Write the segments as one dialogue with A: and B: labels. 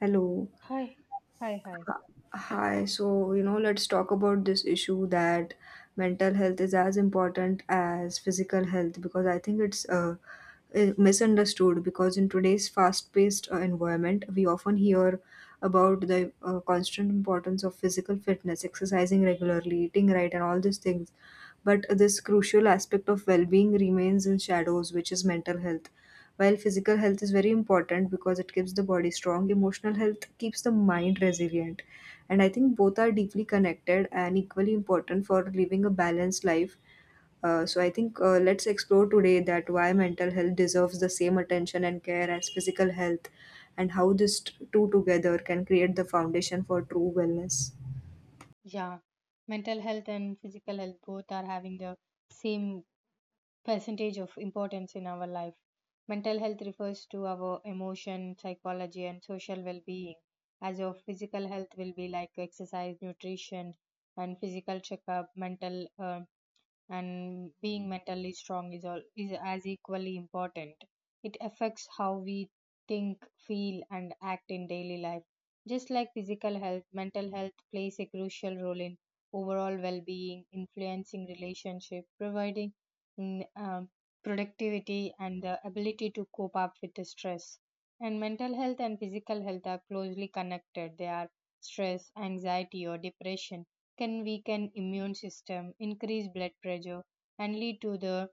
A: Hello.
B: Hi, hi, hi.
A: Hi. So let's talk about this issue that mental health is as important as physical health because I think it's misunderstood because in today's fast-paced environment, we often hear about the constant importance of physical fitness, exercising regularly, eating right, and all these things. But this crucial aspect of well-being remains in shadows, which is mental health. While physical health is very important because it keeps the body strong, emotional health keeps the mind resilient. And I think both are deeply connected and equally important for living a balanced life. So I think let's explore today that why mental health deserves the same attention and care as physical health and how these two together can create the foundation for true wellness.
B: Yeah, mental health and physical health both are having the same percentage of importance in our life. Mental health refers to our emotion, psychology, and social well being, as of physical health will be like exercise, nutrition, and physical checkup, mental and being mentally strong is all is as equally important. It affects how we think, feel, and act in daily life. Just like physical health, mental health plays a crucial role in overall well-being, influencing relationship, providing mm, um, productivity and the ability to cope up with the stress. And mental health and physical health are closely connected. They are stress, anxiety, or depression can weaken immune system, increase blood pressure, and lead to the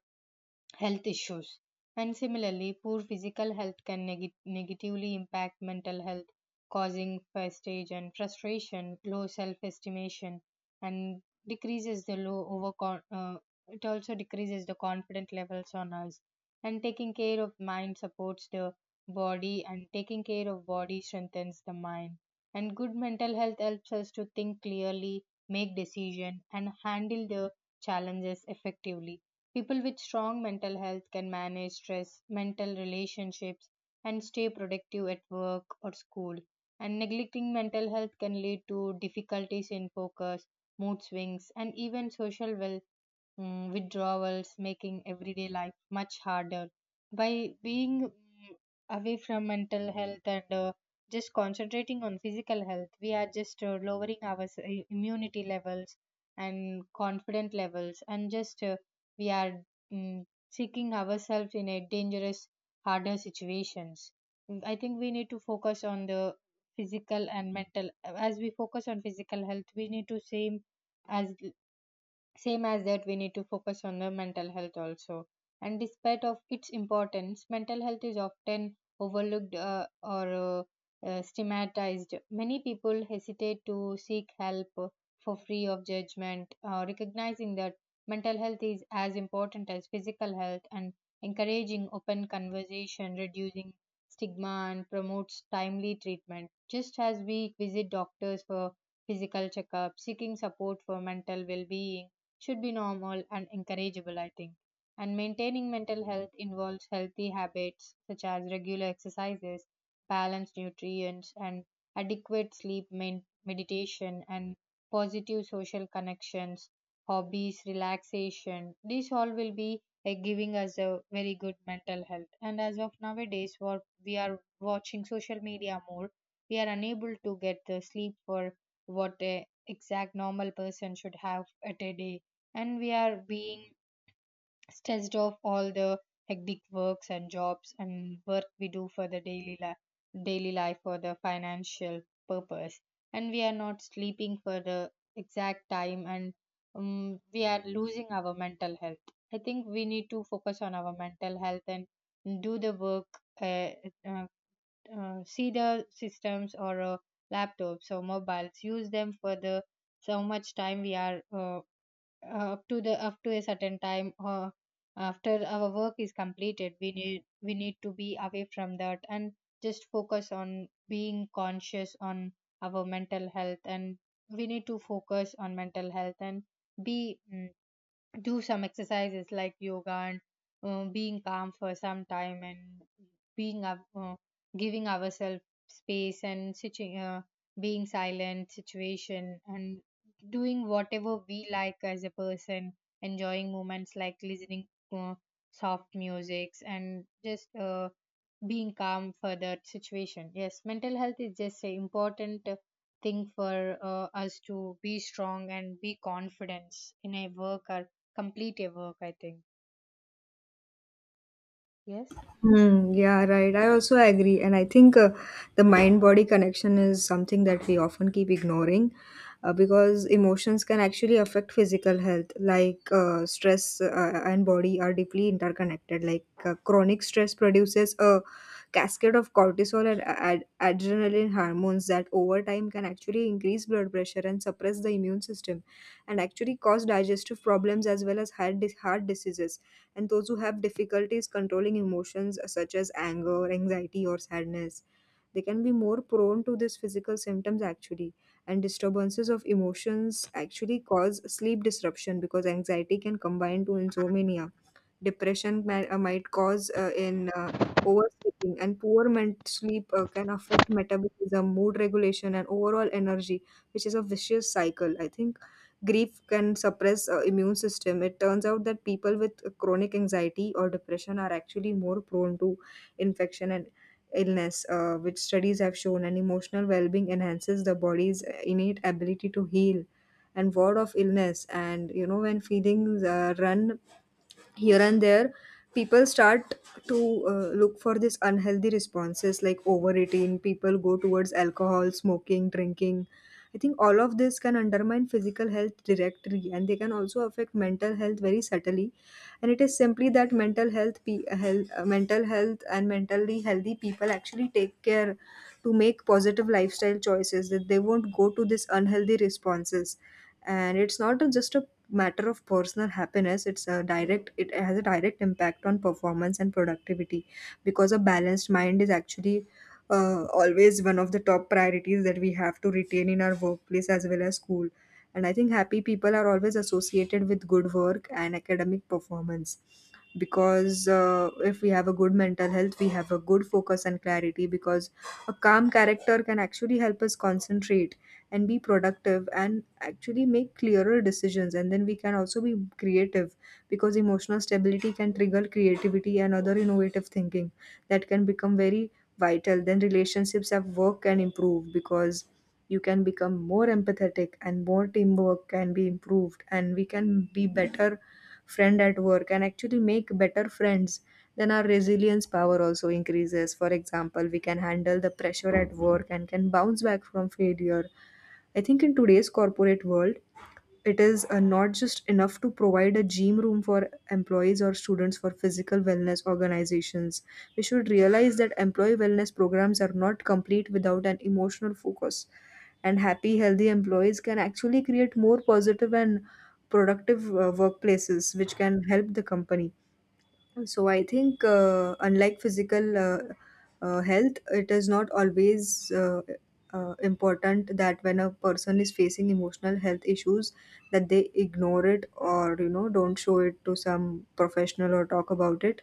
B: health issues. And similarly, poor physical health can negatively impact mental health, causing fatigue and frustration, low self estimation, and decreases the low over. It also decreases the confidence levels on us. And taking care of mind supports the body, and taking care of body strengthens the mind. And good mental health helps us to think clearly, make decision, and handle the challenges effectively. People with strong mental health can manage stress, mental relationships, and stay productive at work or school. And neglecting mental health can lead to difficulties in focus, mood swings, and even social withdrawals, making everyday life much harder. By being away from mental health and just concentrating on physical health, we are just lowering our immunity levels and confident levels, and just we are mm, seeking ourselves in a dangerous, harder situations. I think we need to focus on the physical and mental. As we focus on physical health, we need to as same as that we need to focus on the mental health also. And despite of its importance, mental health is often overlooked or stigmatized. Many people hesitate to seek help for free of judgment. Recognizing that mental health is as important as physical health, and encouraging open conversation, reducing stigma, and promotes timely treatment. Just as we visit doctors for physical checkup, seeking support for mental well-being should be normal and encourageable, I think. And maintaining mental health involves healthy habits such as regular exercises, balanced nutrients, and adequate sleep, main meditation, and positive social connections, hobbies, relaxation. These all will be giving us a very good mental health. And as of nowadays, what we are watching social media more, we are unable to get the sleep for what a exact normal person should have at a day. And we are being stressed of all the hectic works and jobs and work we do for the daily life, daily life for the financial purpose. And we are not sleeping for the exact time and we are losing our mental health. I think we need to focus on our mental health and do the work. uh, uh, See the systems or laptops or mobiles, use them for the so much time. We are up to the up to a certain time, or after our work is completed, we need to be away from that and just focus on being conscious on our mental health. And we need to focus on mental health and be mm, do some exercises like yoga, and being calm for some time, and being up, uh, giving ourselves space, and being silent situation, and doing whatever we like as a person, enjoying moments like listening to soft musics, and just being calm for that situation. Yes, mental health is just an important thing for us to be strong and be confident in a work or complete a work, I think. Yes,
A: Hmm, yeah, right. I also agree. And I think the mind body connection is something that we often keep ignoring because emotions can actually affect physical health. Like stress and body are deeply interconnected. Like chronic stress produces a cascade of cortisol and adrenaline hormones that over time can actually increase blood pressure and suppress the immune system and actually cause digestive problems as well as heart diseases, and those who have difficulties controlling emotions such as anger, anxiety, or sadness, they can be more prone to these physical symptoms actually. And disturbances of emotions actually cause sleep disruption because anxiety can combine to insomnia, depression might cause in oversleeping, and poor sleep can affect metabolism, mood regulation, and overall energy, which is a vicious cycle. I think grief can suppress immune system. It turns out that people with chronic anxiety or depression are actually more prone to infection and illness, which studies have shown, and emotional well being enhances the body's innate ability to heal and word of illness. And when feelings run here and there, people start to look for these unhealthy responses like overeating. People go towards alcohol, smoking, drinking. I think all of this can undermine physical health directly, and they can also affect mental health very subtly. And it is simply that mental health and mentally healthy people actually take care to make positive lifestyle choices, that they won't go to these unhealthy responses. And it's not just a matter of personal happiness. It has a direct impact on performance and productivity, because a balanced mind is actually always one of the top priorities that we have to retain in our workplace as well as school. And I think happy people are always associated with good work and academic performance, because if we have a good mental health, we have a good focus and clarity, because a calm character can actually help us concentrate and be productive and actually make clearer decisions. And then we can also be creative, because emotional stability can trigger creativity and other innovative thinking that can become very vital. Then relationships at work can improve, because you can become more empathetic and more teamwork can be improved, and we can be better friend at work and actually make better friends. Then our resilience power also increases. For example, we can handle the pressure at work and can bounce back from failure. I think in today's corporate world, it is not just enough to provide a gym room for employees or students for physical wellness organizations. We should realize that employee wellness programs are not complete without an emotional focus. And happy, healthy employees can actually create more positive and productive workplaces, which can help the company. So I think, unlike physical health, it is not always important that when a person is facing emotional health issues, that they ignore it, or don't show it to some professional or talk about it.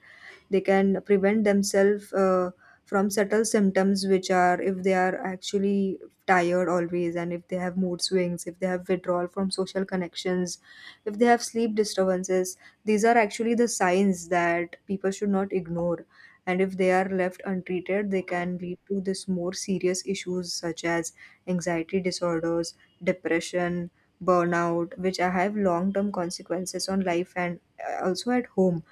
A: They can prevent themselves from subtle symptoms, which are if they are actually tired always, and if they have mood swings, if they have withdrawal from social connections, if they have sleep disturbances. These are actually the signs that people should not ignore, and if they are left untreated, they can lead to this more serious issues such as anxiety disorders, depression, burnout, which have long term consequences on life and also at home.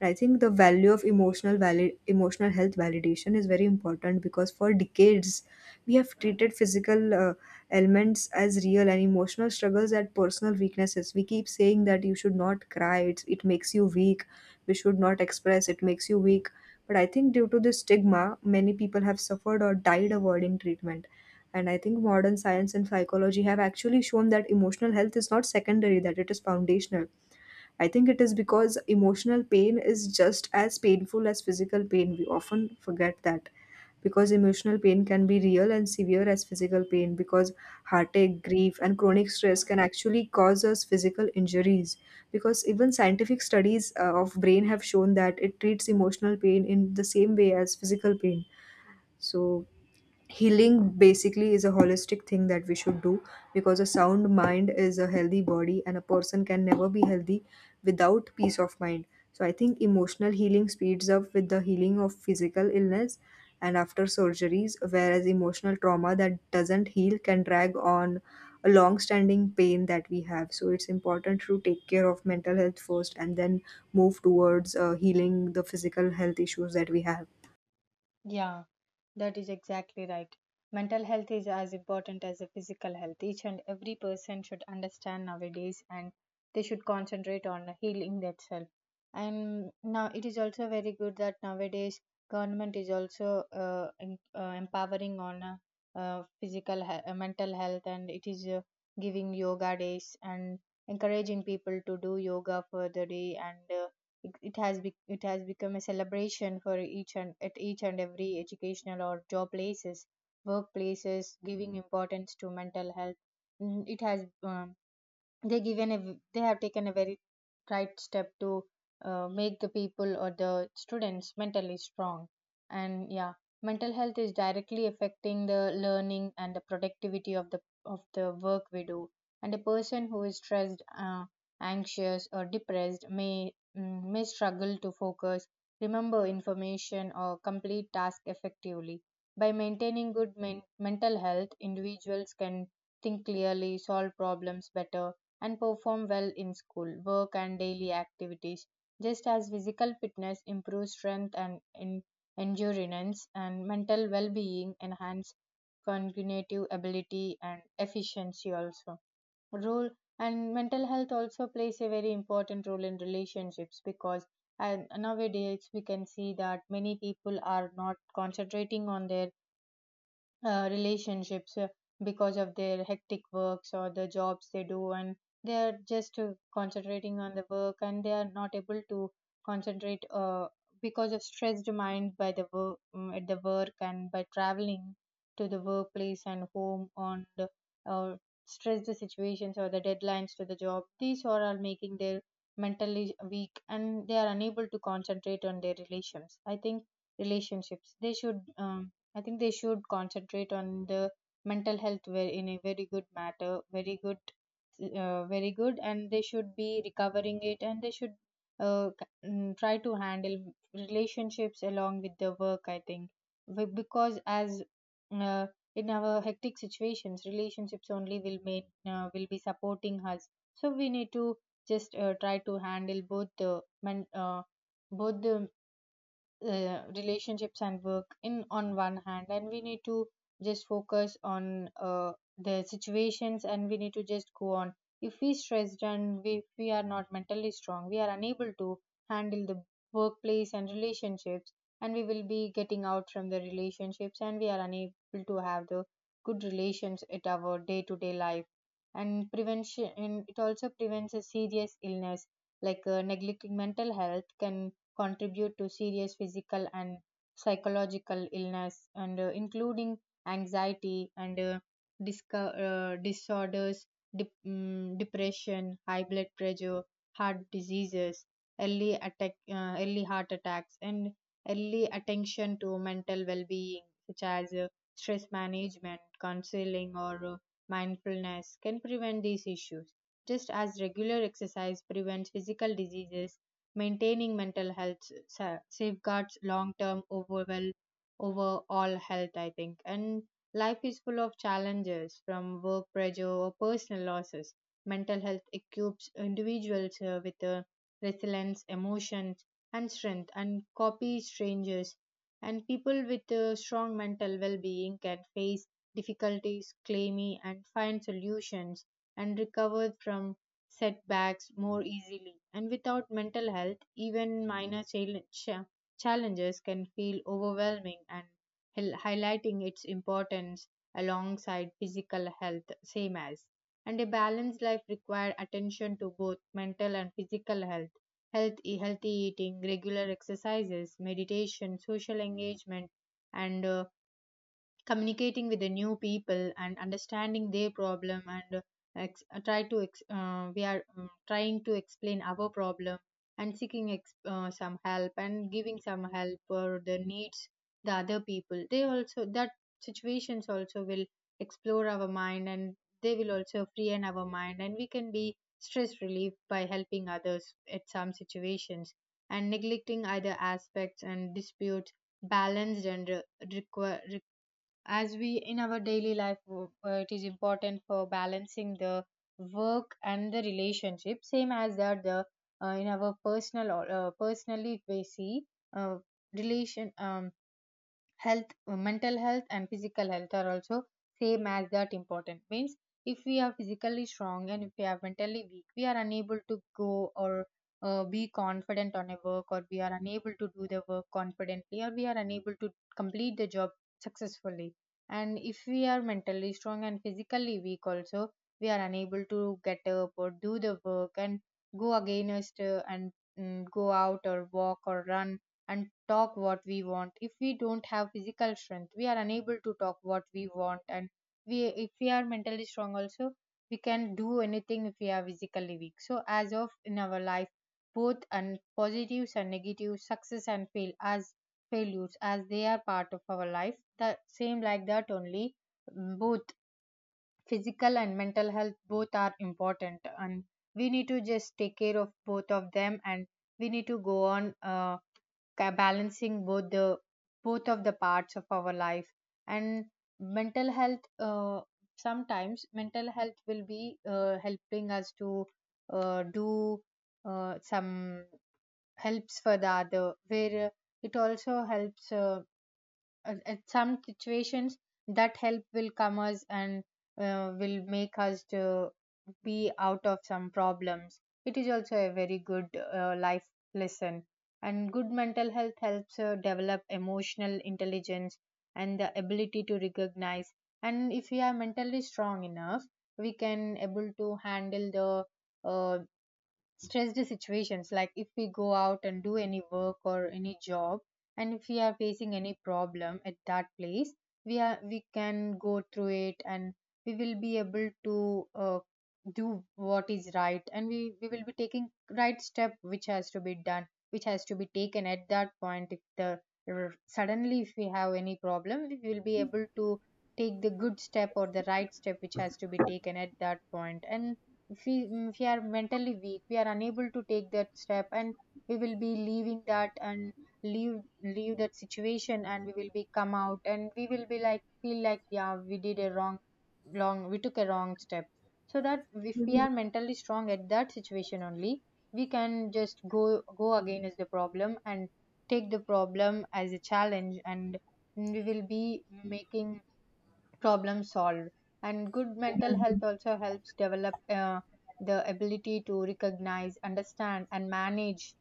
A: And I think the value of emotional health validation is very important, because for decades we have treated physical ailments as real and emotional struggles as personal weaknesses. We keep saying that you should not cry; it makes you weak. We should not express; it makes you weak. But I think due to this stigma, many people have suffered or died avoiding treatment. And I think modern science and psychology have actually shown that emotional health is not secondary; that it is foundational. I think it is because emotional pain is just as painful as physical pain. We often forget that, because emotional pain can be real and severe as physical pain, because heartache, grief, and chronic stress can actually cause us physical injuries. Because even scientific studies of brain have shown that it treats emotional pain in the same way as physical pain. So healing basically is a holistic thing that we should do, because a sound mind is a healthy body, and a person can never be healthy without peace of mind. So I think emotional healing speeds up with the healing of physical illness and after surgeries, whereas emotional trauma that doesn't heal can drag on a long standing pain that we have. So it's important to take care of mental health first, and then move towards healing the physical health issues that we have.
B: yeah. That is exactly right. Mental health is as important as the physical health. Each and every person should understand nowadays, and they should concentrate on healing themselves. And now it is also very good that nowadays government is also empowering on physical mental health. And it is giving yoga days and encouraging people to do yoga for the day. And it has become a celebration for each and at each and every educational or job places, workplaces, giving importance to mental health. It has they they have taken a very right step to make the people or the students mentally strong. And yeah, mental health is directly affecting the learning and the productivity of the work we do. And a person who is stressed, anxious, or depressed may struggle to focus, remember information, or complete task effectively. By maintaining good mental health, individuals can think clearly, solve problems better, and perform well in school, work, and daily activities. Just as physical fitness improves strength and endurance, and mental well being enhance cognitive ability and efficiency also role. And mental health also plays a very important role in relationships. Because and nowadays we can see that many people are not concentrating on their relationships because of their hectic works or the jobs they do. And they are just concentrating on the work, and they are not able to concentrate because of stressed mind by the work, at the work, and by traveling to the workplace and home on the uh, stressed situations or the deadlines to the job. These all are making their mentally weak, and they are unable to concentrate on their relations, I think. Relationships, they should I think they should concentrate on the mental health where in a very good matter, very good, and they should be recovering it. And they should try to handle relationships along with the work, I think. Because as, uh, in our hectic situations, relationships only will make will be supporting us. So we need to just try to handle both the relationships and work in on one hand. And we need to just focus on the situations, and we need to just go on. If we stressed, if we are not mentally strong, we are unable to handle the workplace and relationships. And we will be getting out from the relationships, and we are unable to have the good relations at our day to day life. And prevention, and it also prevents a serious illness. Like neglecting mental health can contribute to serious physical and psychological illness, and including anxiety and disorders, depression, high blood pressure, heart diseases, early attack, early heart attacks. And early attention to mental well-being, such as stress management counseling, or mindfulness can prevent these issues. Just as regular exercise prevents physical diseases, maintaining mental health safeguards long term overall health, I think. And life is full of challenges from work pressure or personal losses. Mental health equips individuals with resilience, emotions, and strength, and copy strangers. And people with strong mental well-being can face difficulties claimy, and find solutions, and recover from setbacks more easily. And without mental health, even minor challenges can feel overwhelming and highlighting its importance alongside physical health, same as. And a balanced life requires attention to both mental and physical health. Health, healthy eating, regular exercises, meditation, social engagement, and communicating with the new people and understanding their problem, and try to we are trying to explain our problem, and seeking some help, and giving some help for the needs, the other people. They also that situations also will explore our mind, and they will also free in our mind, and we can be stress relief by helping others at some situations. And neglecting other aspects and disputes balanced and require. As we in our daily life, it is important for balancing the work and the relationship, same as that the in our personal, or personally we see uh, relation health, mental health and physical health are also same as that important means. If we are physically strong and if we are mentally weak, we are unable to go or be confident on a work, or we are unable to do the work confidently, or we are unable to complete the job successfully. And if we are mentally strong and physically weak also, we are unable to get up or do the work, and go against and go out or walk or run and talk what we want. If we don't have physical strength, we are unable to talk what we want. And we, if we are mentally strong, also we can do anything if we are physically weak. So as of in our life, both and positives and negatives, success and fail as failures as they are part of our life. The same like that only both physical and mental health both are important, and we need to just take care of both of them, and we need to go on balancing both the both of the parts of our life. And mental health, sometimes mental health will be helping us to do some helps for the other, where it also helps at some situations that help will come us, and will make us to be out of some problems. It is also a very good life lesson. And good mental health helps develop emotional intelligence and the ability to recognize. And if we are mentally strong enough, we can able to handle the uh, stressed situations, like if we go out and do any work or any job, and if we are facing any problem at that place, we can go through it, and we will be able to uh, do what is right, and we will be taking right step which has to be done, which has to be taken at that point. If the suddenly if we have any problem, we will be able to take the good step or the right step which has to be taken at that point. And if we, if we are mentally weak, we are unable to take that step, and we will be leaving that, and leave leave that situation, and we will be come out, and we will be like feel like, yeah, we did a wrong, we took a wrong step. So that if we are mentally strong at that situation only, we can just go again as the problem and take the problem as a challenge, and we will be making problem solved. And good mental health also helps develop the ability to recognize, understand, and manage,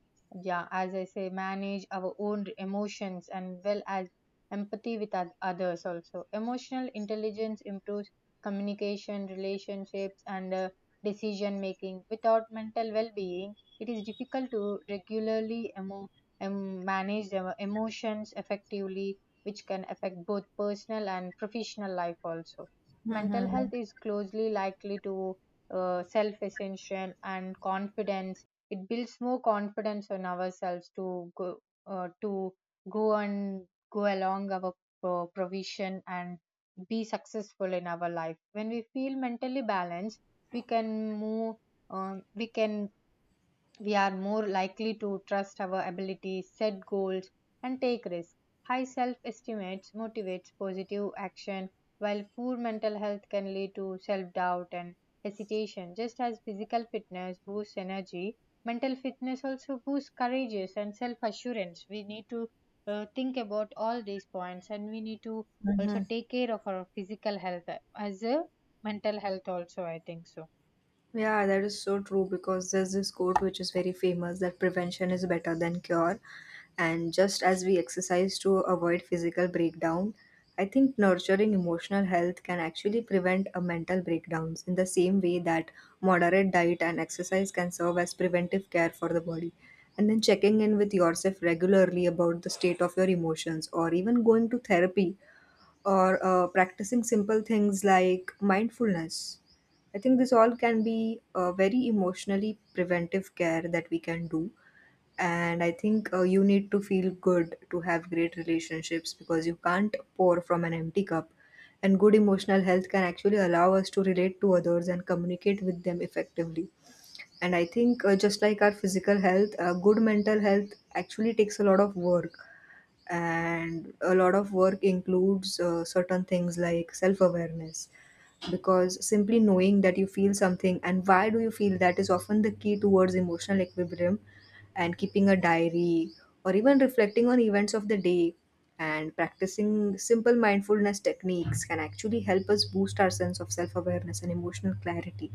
B: yeah, as I say, manage our own emotions and well as empathy with others also. Emotional intelligence improves communication, relationships, and decision making. Without mental well-being, it is difficult to regularly manage the emotions effectively, which can affect both personal and professional life also. Mental health
A: Hmm.
B: is closely likely to self ascension and confidence. It builds more confidence on ourselves to go, to go and go along our provision and be successful in our life. When we feel mentally balanced, we can move. Um, we can we are more likely to trust our abilities, set goals, and take risks. High self esteem motivates positive action, while poor mental health can lead to self doubt and hesitation. Just as physical fitness boosts energy, mental fitness also boosts courage and self assurance. We need to think about all these points, and we need to also take care of our physical health as a mental health, also, I think so.
A: Yeah, that is so true because there's this quote which is very famous that prevention is better than cure. And just as we exercise to avoid physical breakdown, I think nurturing emotional health can actually prevent a mental breakdowns in the same way that moderate diet and exercise can serve as preventive care for the body. And then checking in with yourself regularly about the state of your emotions, or even going to therapy, or practicing simple things like mindfulness. I think this all can be a very emotionally preventive care that we can do. And I think you need to feel good to have great relationships, because you can't pour from an empty cup. And good emotional health can actually allow us to relate to others and communicate with them effectively. And I think just like our physical health, good mental health actually takes a lot of work, and a lot of work includes certain things like self awareness, because simply knowing that you feel something and why do you feel that is often the key towards emotional equilibrium. And keeping a diary or even reflecting on events of the day and practicing simple mindfulness techniques can actually help us boost our sense of self awareness and emotional clarity.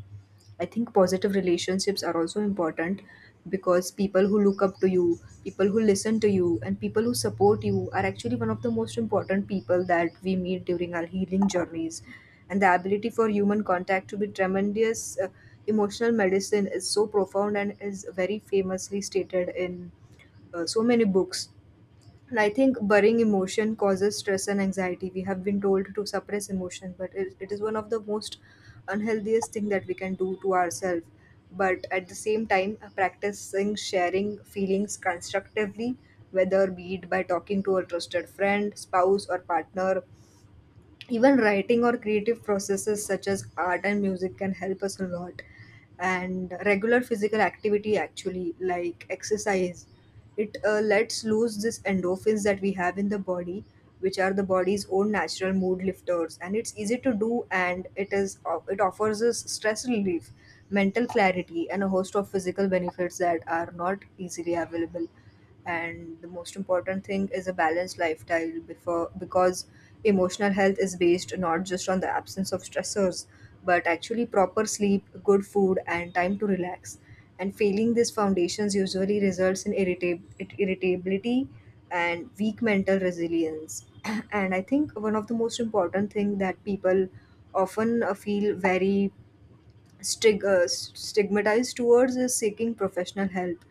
A: I think positive relationships are also important, because people who look up to you, people who listen to you, and people who support you are actually one of the most important people that we meet during our healing journeys. And the ability for human contact to be tremendous emotional medicine is so profound and is very famously stated in so many books. And I think burying emotion causes stress and anxiety. We have been told to suppress emotion, but it is one of the most unhealthiest thing that we can do to ourselves. But at the same time, practicing sharing feelings constructively, whether be it by talking to a trusted friend, spouse, or partner, even writing or creative processes such as art and music can help us a lot. And regular physical activity, actually like exercise, it lets loose this endorphins that we have in the body, which are the body's own natural mood lifters. And it's easy to do, and it offers us stress relief, mental clarity, and a host of physical benefits that are not easily available. And the most important thing is a balanced lifestyle before, because emotional health is based not just on the absence of stressors, but actually proper sleep, good food, and time to relax. And failing these foundations usually results in irritability and weak mental resilience. And I think one of the most important thing that people often feel very stigmatized towards is seeking professional help.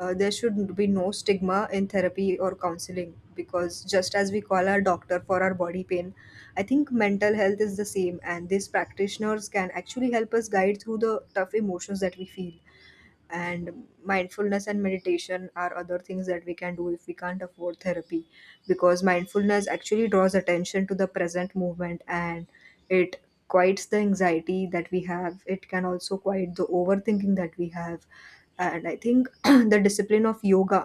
A: There should be no stigma in therapy or counseling, because just as we call our doctor for our body pain, I think mental health is the same, and these practitioners can actually help us guide through the tough emotions that we feel. And mindfulness and meditation are other things that we can do if we can't afford therapy, because mindfulness actually draws attention to the present movement, and it quiets the anxiety that we have. It can also quiet the overthinking that we have. And I think the discipline of yoga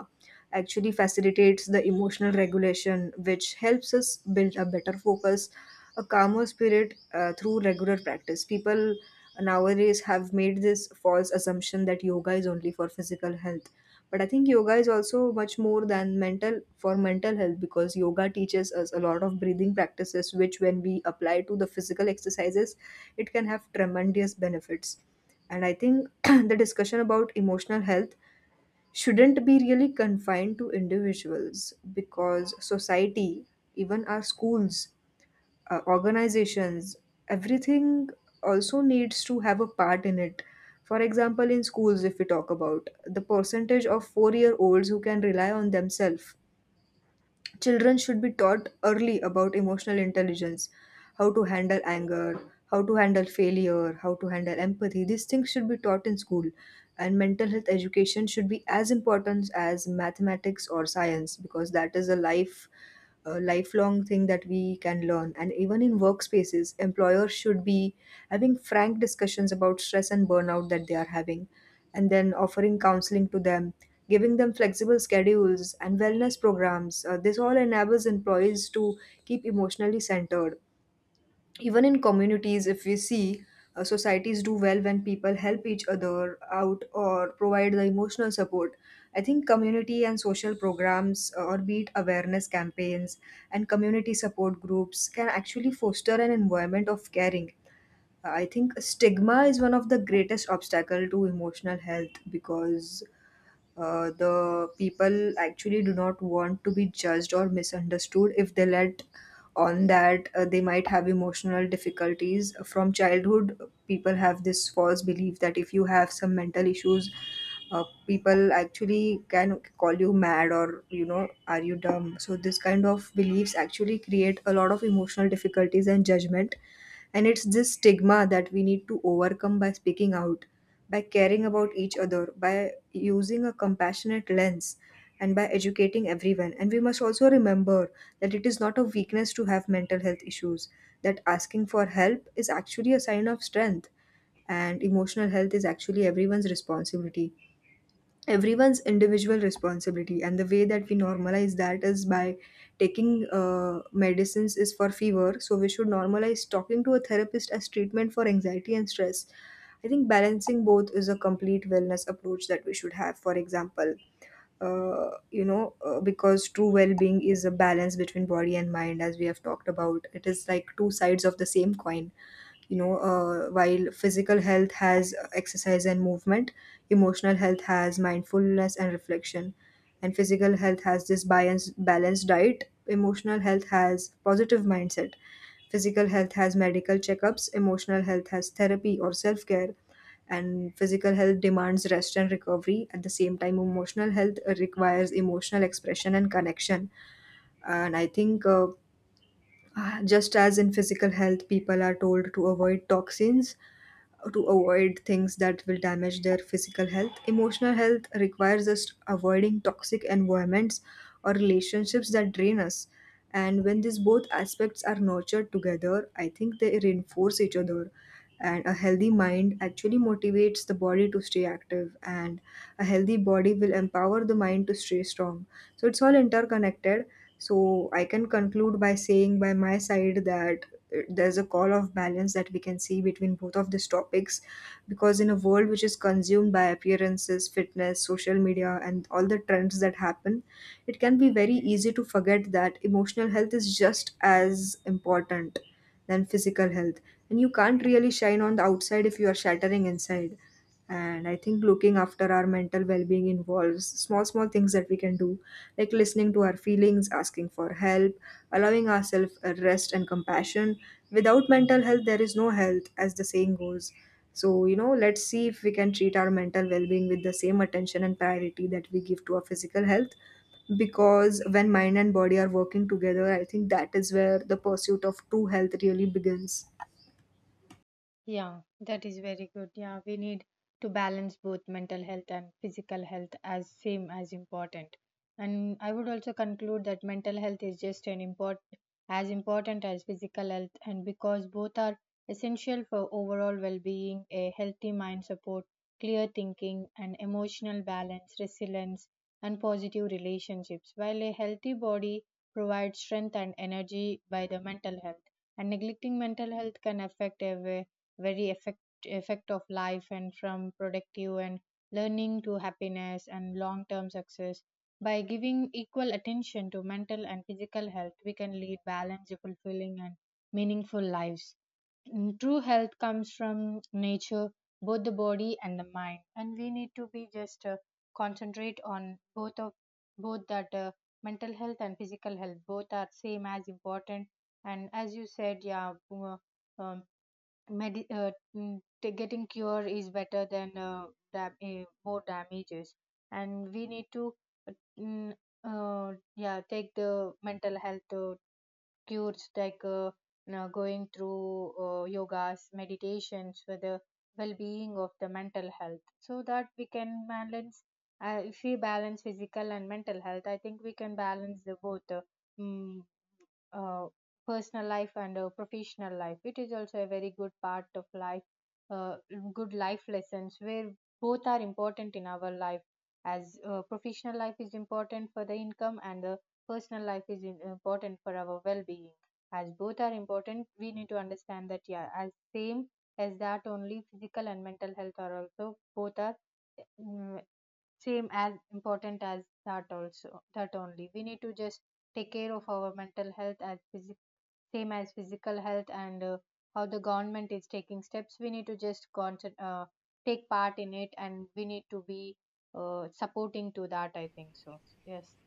A: actually facilitates the emotional regulation, which helps us build a better focus, a calmer spirit, through regular practice. People nowadays have made this false assumption that yoga is only for physical health, but I think yoga is also much more than mental for mental health, because yoga teaches us a lot of breathing practices which, when we apply to the physical exercises, it can have tremendous benefits. And I think the discussion about emotional health shouldn't be really confined to individuals, because society, even our schools, organizations, everything also needs to have a part in it. For example, in schools, if we talk about the percentage of 4-year-olds who can rely on themselves. Children should be taught early about emotional intelligence, how to handle anger, how to handle failure, how to handle empathy. These things should be taught in school. And mental health education should be as important as mathematics or science, because that is a lifelong thing that we can learn. And even in workspaces, employers should be having frank discussions about stress and burnout that they are having, and then offering counseling to them, giving them flexible schedules and wellness programs. This all enables employees to keep emotionally centered. Even in communities, if we see, societies do well when people help each other out or provide the emotional support. I think community and social programs, or be it awareness campaigns and community support groups, can actually foster an environment of caring. I think stigma is one of the greatest obstacle to emotional health, because the people actually do not want to be judged or misunderstood if they let on that they might have emotional difficulties from childhood. People have this false belief that if you have some mental issues, people actually can call you mad, or you know, are you dumb? So this kind of beliefs actually create a lot of emotional difficulties and judgment. And it's this stigma that we need to overcome by speaking out, by caring about each other, by using a compassionate lens, and by educating everyone. And we must also remember that it is not a weakness to have mental health issues, that asking for help is actually a sign of strength, and emotional health is actually everyone's individual responsibility. And the way that we normalize that is by taking medicines is for fever, so we should normalize talking to a therapist as treatment for anxiety and stress. I think balancing both is a complete wellness approach that we should have. For example, because true well-being is a balance between body and mind. As we have talked about, it is like two sides of the same coin. While physical health has exercise and movement, emotional health has mindfulness and reflection. And physical health has this balanced diet, emotional health has positive mindset. Physical health has medical checkups, emotional health has therapy or self care. And physical health demands rest and recovery, at the same time emotional health requires emotional expression and connection. And I think just as in physical health people are told to avoid toxins, to avoid things that will damage their physical health. Emotional health requires us avoiding toxic environments or relationships that drain us. And when these both aspects are nurtured together, I think they reinforce each other. And a healthy mind actually motivates the body to stay active, and a healthy body will empower the mind to stay strong. So it's all interconnected. So I can conclude by saying, by my side, that there's a call of balance that we can see between both of these topics, because in a world which is consumed by appearances, fitness, social media, and all the trends that happen, it can be very easy to forget that emotional health is just as important than physical health. And you can't really shine on the outside if you are shattering inside. And I think looking after our mental well-being involves small small things that we can do, like listening to our feelings, asking for help, allowing ourselves a rest and compassion. Without mental health there is no health, as the saying goes. So, you know, let's see if we can treat our mental well-being with the same attention and priority that we give to our physical health, because when mind and body are working together, I think that is where the pursuit of true health really begins.
B: Yeah, that is very good. Yeah, we need to balance both mental health and physical health as same as important. And I would also conclude that mental health is just an import as important as physical health, and because both are essential for overall well-being, a healthy mind support, clear thinking, and emotional balance, resilience, and positive relationships. While a healthy body provides strength and energy by the mental health, and neglecting mental health can affect a way very effect of life, and from productive and learning to happiness and long term success. By giving equal attention to mental and physical health, we can lead balanced, fulfilling, and meaningful lives. Mm, true health comes from nature, both the body and the mind, and we need to be just concentrate on both of both that, mental health and physical health both are same as important. And as you said, yeah, um, getting cure is better than more damages. And we need to uh, mm, yeah, take the mental health cures like, you know, going through yogas, meditations for the well-being of the mental health, so that we can balance. Uh, if we balance physical and mental health, I think we can balance the both. Mm, uh, Personal life and professional life, it is also a very good part of life, uh, good life lessons, where both are important in our life. As professional life is important for the income, and the personal life important for our well-being. As both are important, we need to understand that, yeah, as same as that only, physical and mental health are also both are, mm, same as important as that also, that only we need to just take care of our mental health as same as physical health. And how the government is taking steps, we need to just take part in it, and we need to be supporting to that, I think so. Yes,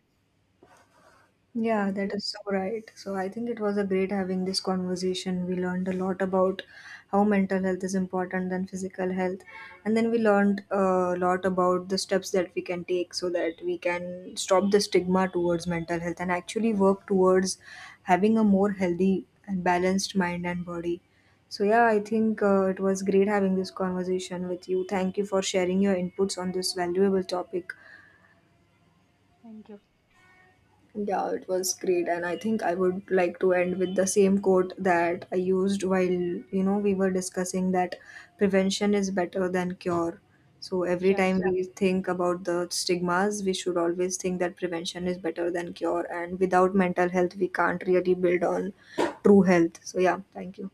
A: Yeah,
B: thank
A: that
B: you.
A: is so right. So I think it was a great having this conversation. We learned a lot about how mental health is important than physical health, and then we learned a lot about the steps that we can take so that we can stop the stigma towards mental health and actually work towards having a more healthy and balanced mind and body. So yeah, I think it was great having this conversation with you. Thank you for sharing your inputs on this valuable topic.
B: Thank you.
A: Yeah, it was great, and I think I would like to end with the same quote that I used while, you know, we were discussing, that prevention is better than cure. So every
B: Yeah,
A: time, Yeah. we think about the stigmas, we should always think that prevention is better than cure, and without mental health, we can't really build on true health. So yeah, thank you.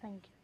B: thank you.